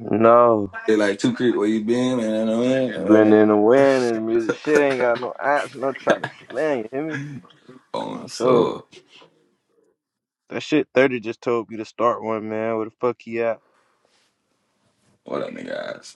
No. They like two creep where you been, man. I mean, Been man. in the wind and music shit ain't got no ounce, no try to slang, you hear me? My Phone, soul. so That shit 30 just told me to start one, man. Where the fuck he at? what up, nigga? ass?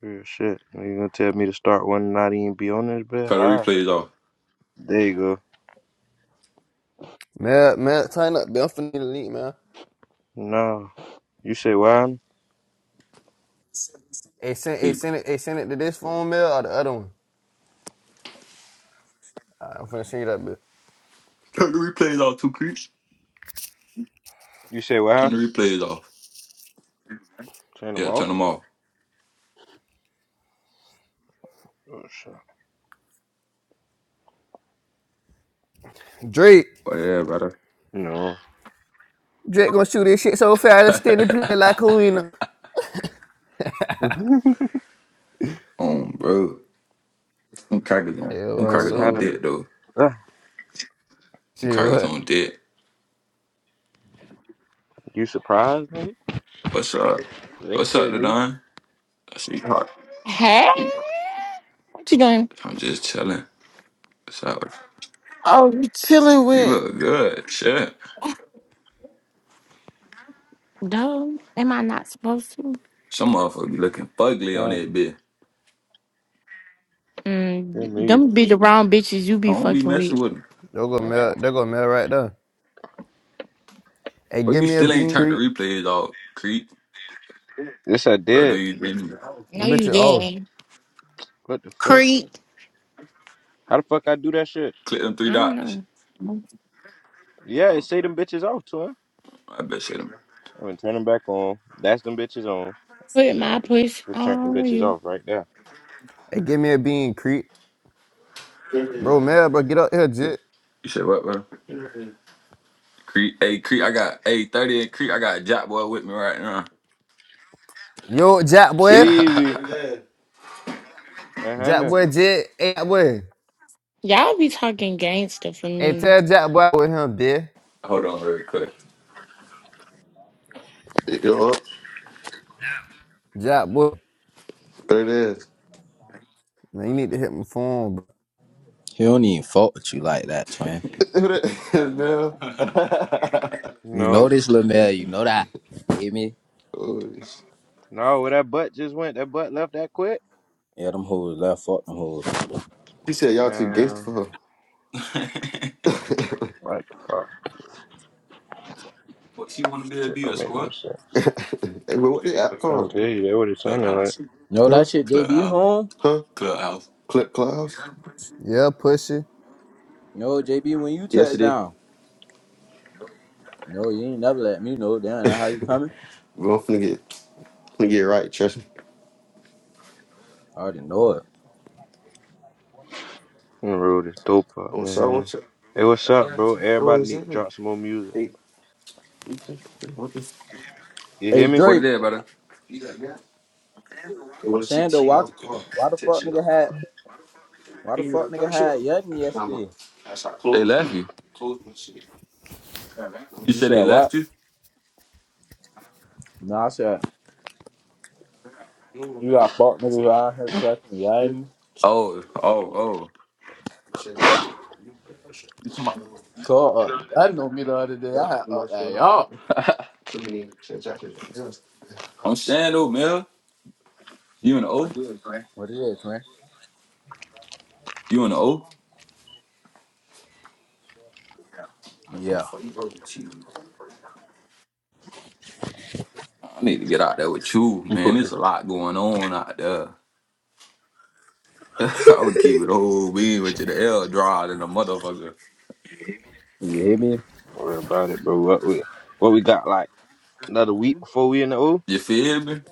Real shit. Are You gonna tell me to start one and not even be on this bed? Turn the ah, replays off. There you go. Mel, Mel, tighten up. I'm finna delete, man. No. You say wow? Hey, send, hey, Please. send it, hey, send it to this phone, Mel, or the other one. Alright, I'm finna send you that bill. Turn the replays off. Two creeps. You say Turn wow? the replays off. Turn them Yeah, off? turn them off. Oh shit. Drake, Oh yeah, brother. No. Drake gonna shoot this shit so fast, it's standing play like Kalina. man, um, bro. Them crackers on. Yeah, Them well, what's crackers on happening? so dead though. Uh, Them see crackers what? on dead. you surprised me? What's up? Ain't What's up, shit new. Ladon? I see you hot. Hey, what you doing? I'm just chilling. What's up? Oh, you chilling? You look good. Shit. No, am I not supposed to? Some motherfucker be looking fugly on No. that bitch. you Mm, me. them be the wrong bitches you I be don't be fucking messing with. with him. They go Mel, they go Mel right there. Hey, Well, give you me a still ain't bean turned the creep. replays off, Creep. Yes I Bro, no, did. you didn't. No, Them you bitches, oh, didn't. What the fuck? Creep. How the fuck I do that shit? Click them three I don't dots. know. Yeah, it say them bitches off to him. I bet shit them. I mean, turn them back on. That's them bitches on. Put my push Just turn them on bitches you. off right there. hey, give me a bean creep, Uh, bro. Mel, bro, get up here, Jit. You said what, bro? Creep. Hey, Creep, I got, a 30 and Creep, I got a Jack Boy with me right now. Yo, Jack boy, easy. Uh, Jack Hannah. boy, Jit, hey, Jack boy. Y'all be talking gangster for Hey, me. tell Jack boy I'm with him, bitch. Hold on real quick. Yo, up. Jack boy, there it is. man, you need to hit my phone, bro. He don't even fault with you like that, twin. Who that is now? You know No. this little man, you know that. Hear me? oh, sh- No, where that butt just went, that butt left that quick. Yeah, them hoes left, fuck them hoes. she said y'all too gangster Damn. for her. What the fuck? What she want to be to Shit be don't a make no squad? sense. hey, but what the app I'm trying called? to tell you, that what it sounded like. Clubhouse. No, Huh? that shit, JB, you Clubhouse. home? Huh? Clubhouse. Clip Clouds? Yeah, pussy. No, JB, when you touch Yesterday. down. No, you ain't never let me know. Damn, that how you coming? Bro, I'm finna get, finna get it right, trust me. I already know it. I'm gonna roll this dope up, I'm sorry, man. what's up? Hey, what's up, bro? What Everybody is need to that? drop some more music. Hey, what is You hear Hey, me? What it Drake, is, brother? You got that? They I'm want to cheat, saying though, cheat why, on the car. why They the take fuck cheat nigga on the had, car. why the Hey, You fuck got nigga that shit? had Yutton Nah, man. yesterday? That's how I close. They left you. Close my shit. You You said said they what? left you? No, I said, you got fuck niggas out here collecting Hmm? Yutton? Oh, oh, oh. You said what? You got that shit. You talking about? Call up. I know me the other day. Too I had up much shit on at my y'all. body. Too many transactions. I'm saying though, Mel. You in the O? What it is, man? You in the O? How the Yeah. fuck you gonna cheat? I need to get out there with you, You man. put There's this a lot going on out there. I would keep it whole being with shit. you, the L draw than a motherfucker. You hear me? Don't worry about it, bro. What we, what we got, like, another week before we in the O? You feel me?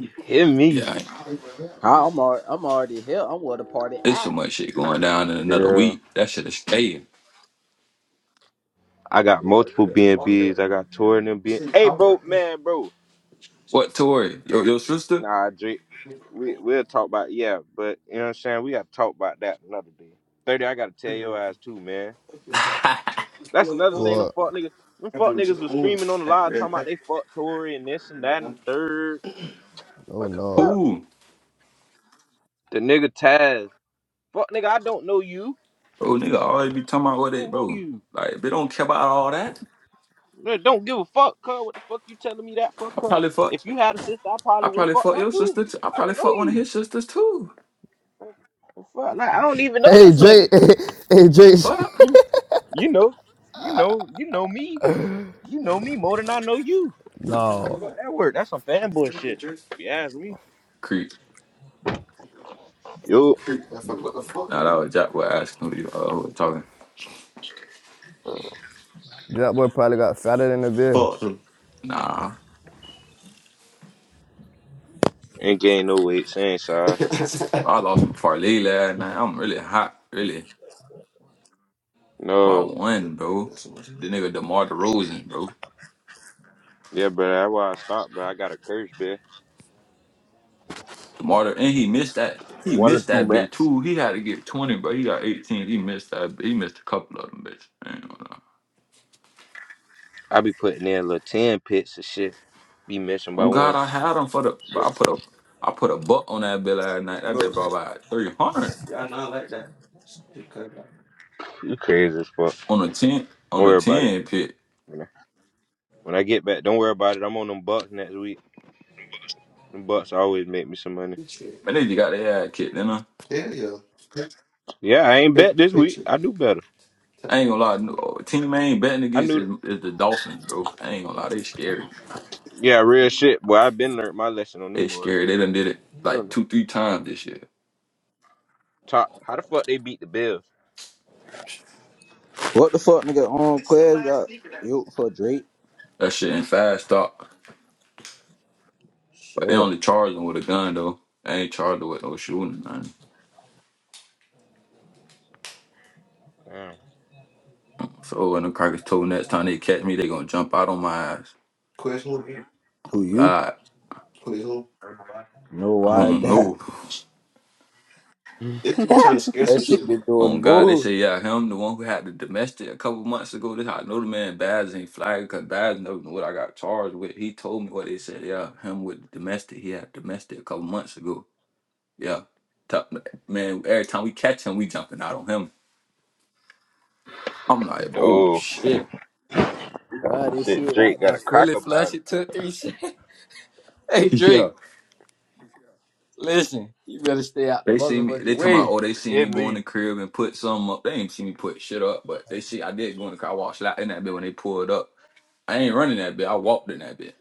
You hear me? Yeah, I'm already, I'm already here. I'm where the party it's so at. much shit going down in another Yeah. week. That shit is staying. I got multiple BNBs. I got touring them being. Hey, bro, man, bro. What, Tori? Your, your sister? Nah, Drake. We we'll talk about yeah, but you know what I'm saying. We gotta talk about that another day. Thirty, I gotta tell your ass too, man. That's another thing. What? Them fuck niggas. Them fuck niggas was screaming on the live talking about they fuck Tory and this and that and third. Oh What the no. fuck? Who? The nigga Taz. Fuck nigga, I don't know you. Bro, nigga always be talking about what they, Don't know bro. you. Like, if they don't care about all that, Nigga, Don't give a fuck, cuz. What the fuck you telling me that for, I cuz? probably fuck. If you had a sister, I I probably would have probably fucked fuck that your too. sister. Too. I I probably don't know fuck one of you. his sisters too. Fuck, like I don't even know Hey this Jay, nigga. hey Jay. Fuck. You you know, you know, you know me. You know me more than I know you. Like, no. fuck that work. That's some fanboy shit. If you ask me. Creep. Yo, Nah, that was Jack was asking who you uh, who was talking. That boy probably got fatter than a beer. Fuck them. Nah, ain't gain no weight same size. I lost my parlay last night. I'm really hot, really. By No. one, bro. The nigga DeMar DeRozan, bro. Yeah, bro, that's why I stopped, bro. I got a curse, bro. DeMar, De- and he missed that. He One or missed two that bit max. too. He had to get 20, but he got 18. He missed that. He missed a couple of them, bitch. I ain't gonna I be putting in little 10 pits of shit. Be lie. missing by On God, one. I had him for the. Look, I put a. I put a buck on that bill last night. That bill brought about 300. know I like that. Just cut it out. You crazy as fuck. On a 10, Don't on a worry about it. 10 pit. When I when I get back, don't worry about it. I'm on them bucks next week. Them bucks always make me some money. Shit. Man, they just got their ass kicked, you know. Hell yeah. Yeah, I ain't Pic- bet this week. Picture. I do better. I ain't gonna lie, no, team I ain't betting I against knew. is, is the Dolphins, bro. I ain't gonna lie, they scary. Yeah, real shit. Boy, I've been learned my lesson on them They boys. scary. They done did it You like know, two, three times this year. Top, how the fuck they beat the Bills? What the fuck, nigga? On Quez got you for Drake. That shit in fast talk. But they Shit. only charged them with a gun though. They ain't charged them with no shooting or nothing. Damn. So when the crackers told next time they catch me, they gonna jump out on my ass. Question. Who you? God, Question. No, I why is don't that? know. They just be trying to scare that some shit shit. been doing On God, they move. say, yeah, him, the one who had the domestic a couple months ago. This how I know the man Baz ain't flagged because Baz know what I got charged with. He told me what they said. Yeah, him with the domestic. He had domestic a couple months ago. Yeah. Top, man, every time we catch him, we jumping out on him. I'm like, oh Oh shit. God, this shit, shit Drake out got a that fully cracker flush pounder. it took three shit. hey, Yeah. Drake, listen, you better stay out the They see me, motherfucking they talking about, way. oh, they You see Hear me go in me. the crib and put something up. They ain't see me put shit up, but they see I did go in the car, I walked slap in that bit when they pulled up. I ain't running that bit. I walked in that bit.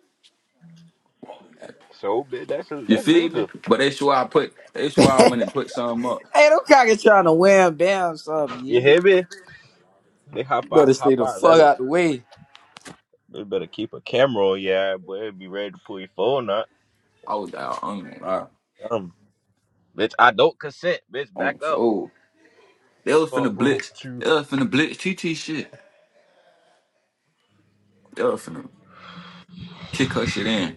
So big. That's You that's feel me? legal. But that's why I put that's why I went and put some up. Hey, them cockers trying to wham bam something, you You hear me? hear me? They hop You out, better hop stay the out, let fuck 'em. out the way. They better keep a camera on your eye, boy. Be ready to pull your phone out. I was down on right? Um, bitch, I don't consent, bitch. Back on up. soul. They was finna Fuck wrong blitz. with you, They was finna blitz TT shit. They was finna kick her shit in.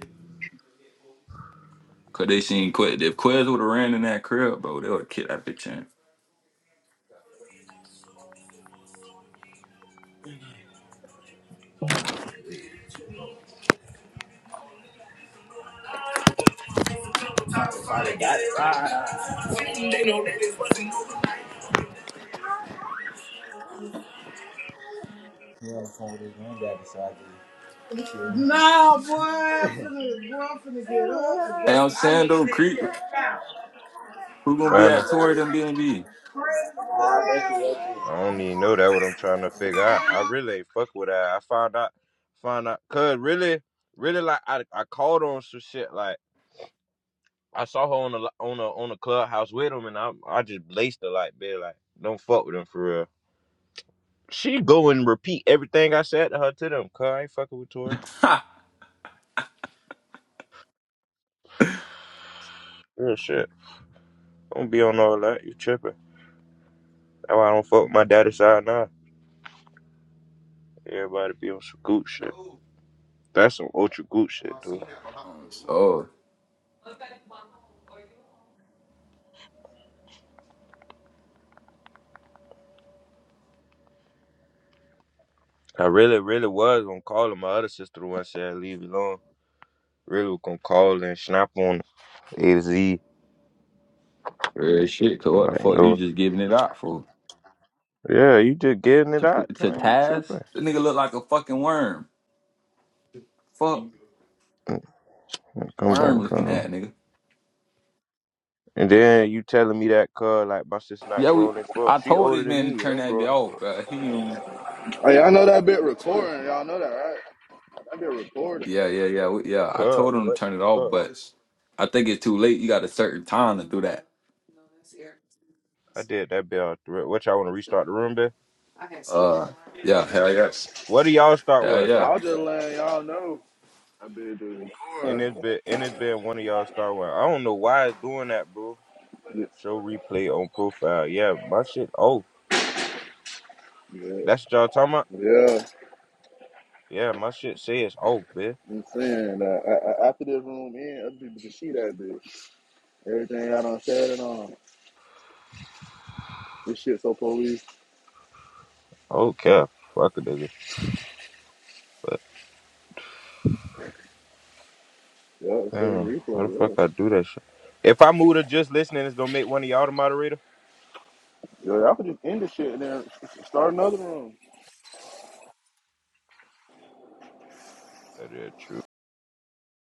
Cause they seen Quez. If Quez would have ran in that crib, bro, they would have kicked that bitch in. No, boy, I'm finna, boy, I'm finna get up. Hey, I'm so I saying need to though, take Creek, me a shower. who gonna I be at man. was. Tory than BNB? so I don't even know that what I'm trying to figure out. I really ain't fuck with that. I found out, found out, cause really, really like I, I called on some shit. Like I saw her on the on the on the clubhouse with him, and I I just laced her like, be like, don't fuck with him for real. She go and repeat everything I said to her to them. Cause I ain't fucking with Tori. Real shit. Don't be on all that. You tripping? That's why I don't fuck with my daddy side now. Everybody be on some good shit. That's some ultra good shit, dude. Oh, I really, really was gonna call her. My other sister the one said leave it alone. Really was gonna call and snap on A to Z. real shit. Cause I'm what the like, fuck you no. just giving it out for? Yeah, you just getting it To out, to twin. You Taz? tripping. That nigga look like a fucking worm. Fuck Mm, mm, Come on, worm looking fam. at nigga. And then you telling me that, cuz, like, my sister not Yeah, we. grown as fuck. I She told older this than man to me, and turn I'm that bit grown as off, fuck. but he. Ain't- Hey, y'all know that bit recording. Y'all know that, right? That bit recording. Yeah, yeah, yeah, we- yeah. I told Cuz, him to what the turn it off, fuck? but I think it's too late. You got a certain time to do that. I did that bit out the rip. What y'all want to restart the room, bit? Uh, yeah, hell yes, What do y'all start hell with? yeah. Now I'll just letting y'all know that bit is And recording. it's been, and it's been one of y'all start with. I don't know why it's doing that, bro. Yeah, Show replay on profile. Yeah, my shit off. yeah. That's what y'all talking about? yeah. Yeah, my shit says off, bitch. I'm saying that A- a- after this room in, other people can see that bit. Everything I done said and on. This shit so police. Oh, cap. Fuck a nigga. But Yeah, it's a damn, how the replay. fuck Yeah, I do that shit? If I move to just listening, it's gonna make one of y'all the moderator. yeah. Y'all could just end the shit and then start another room. That is true.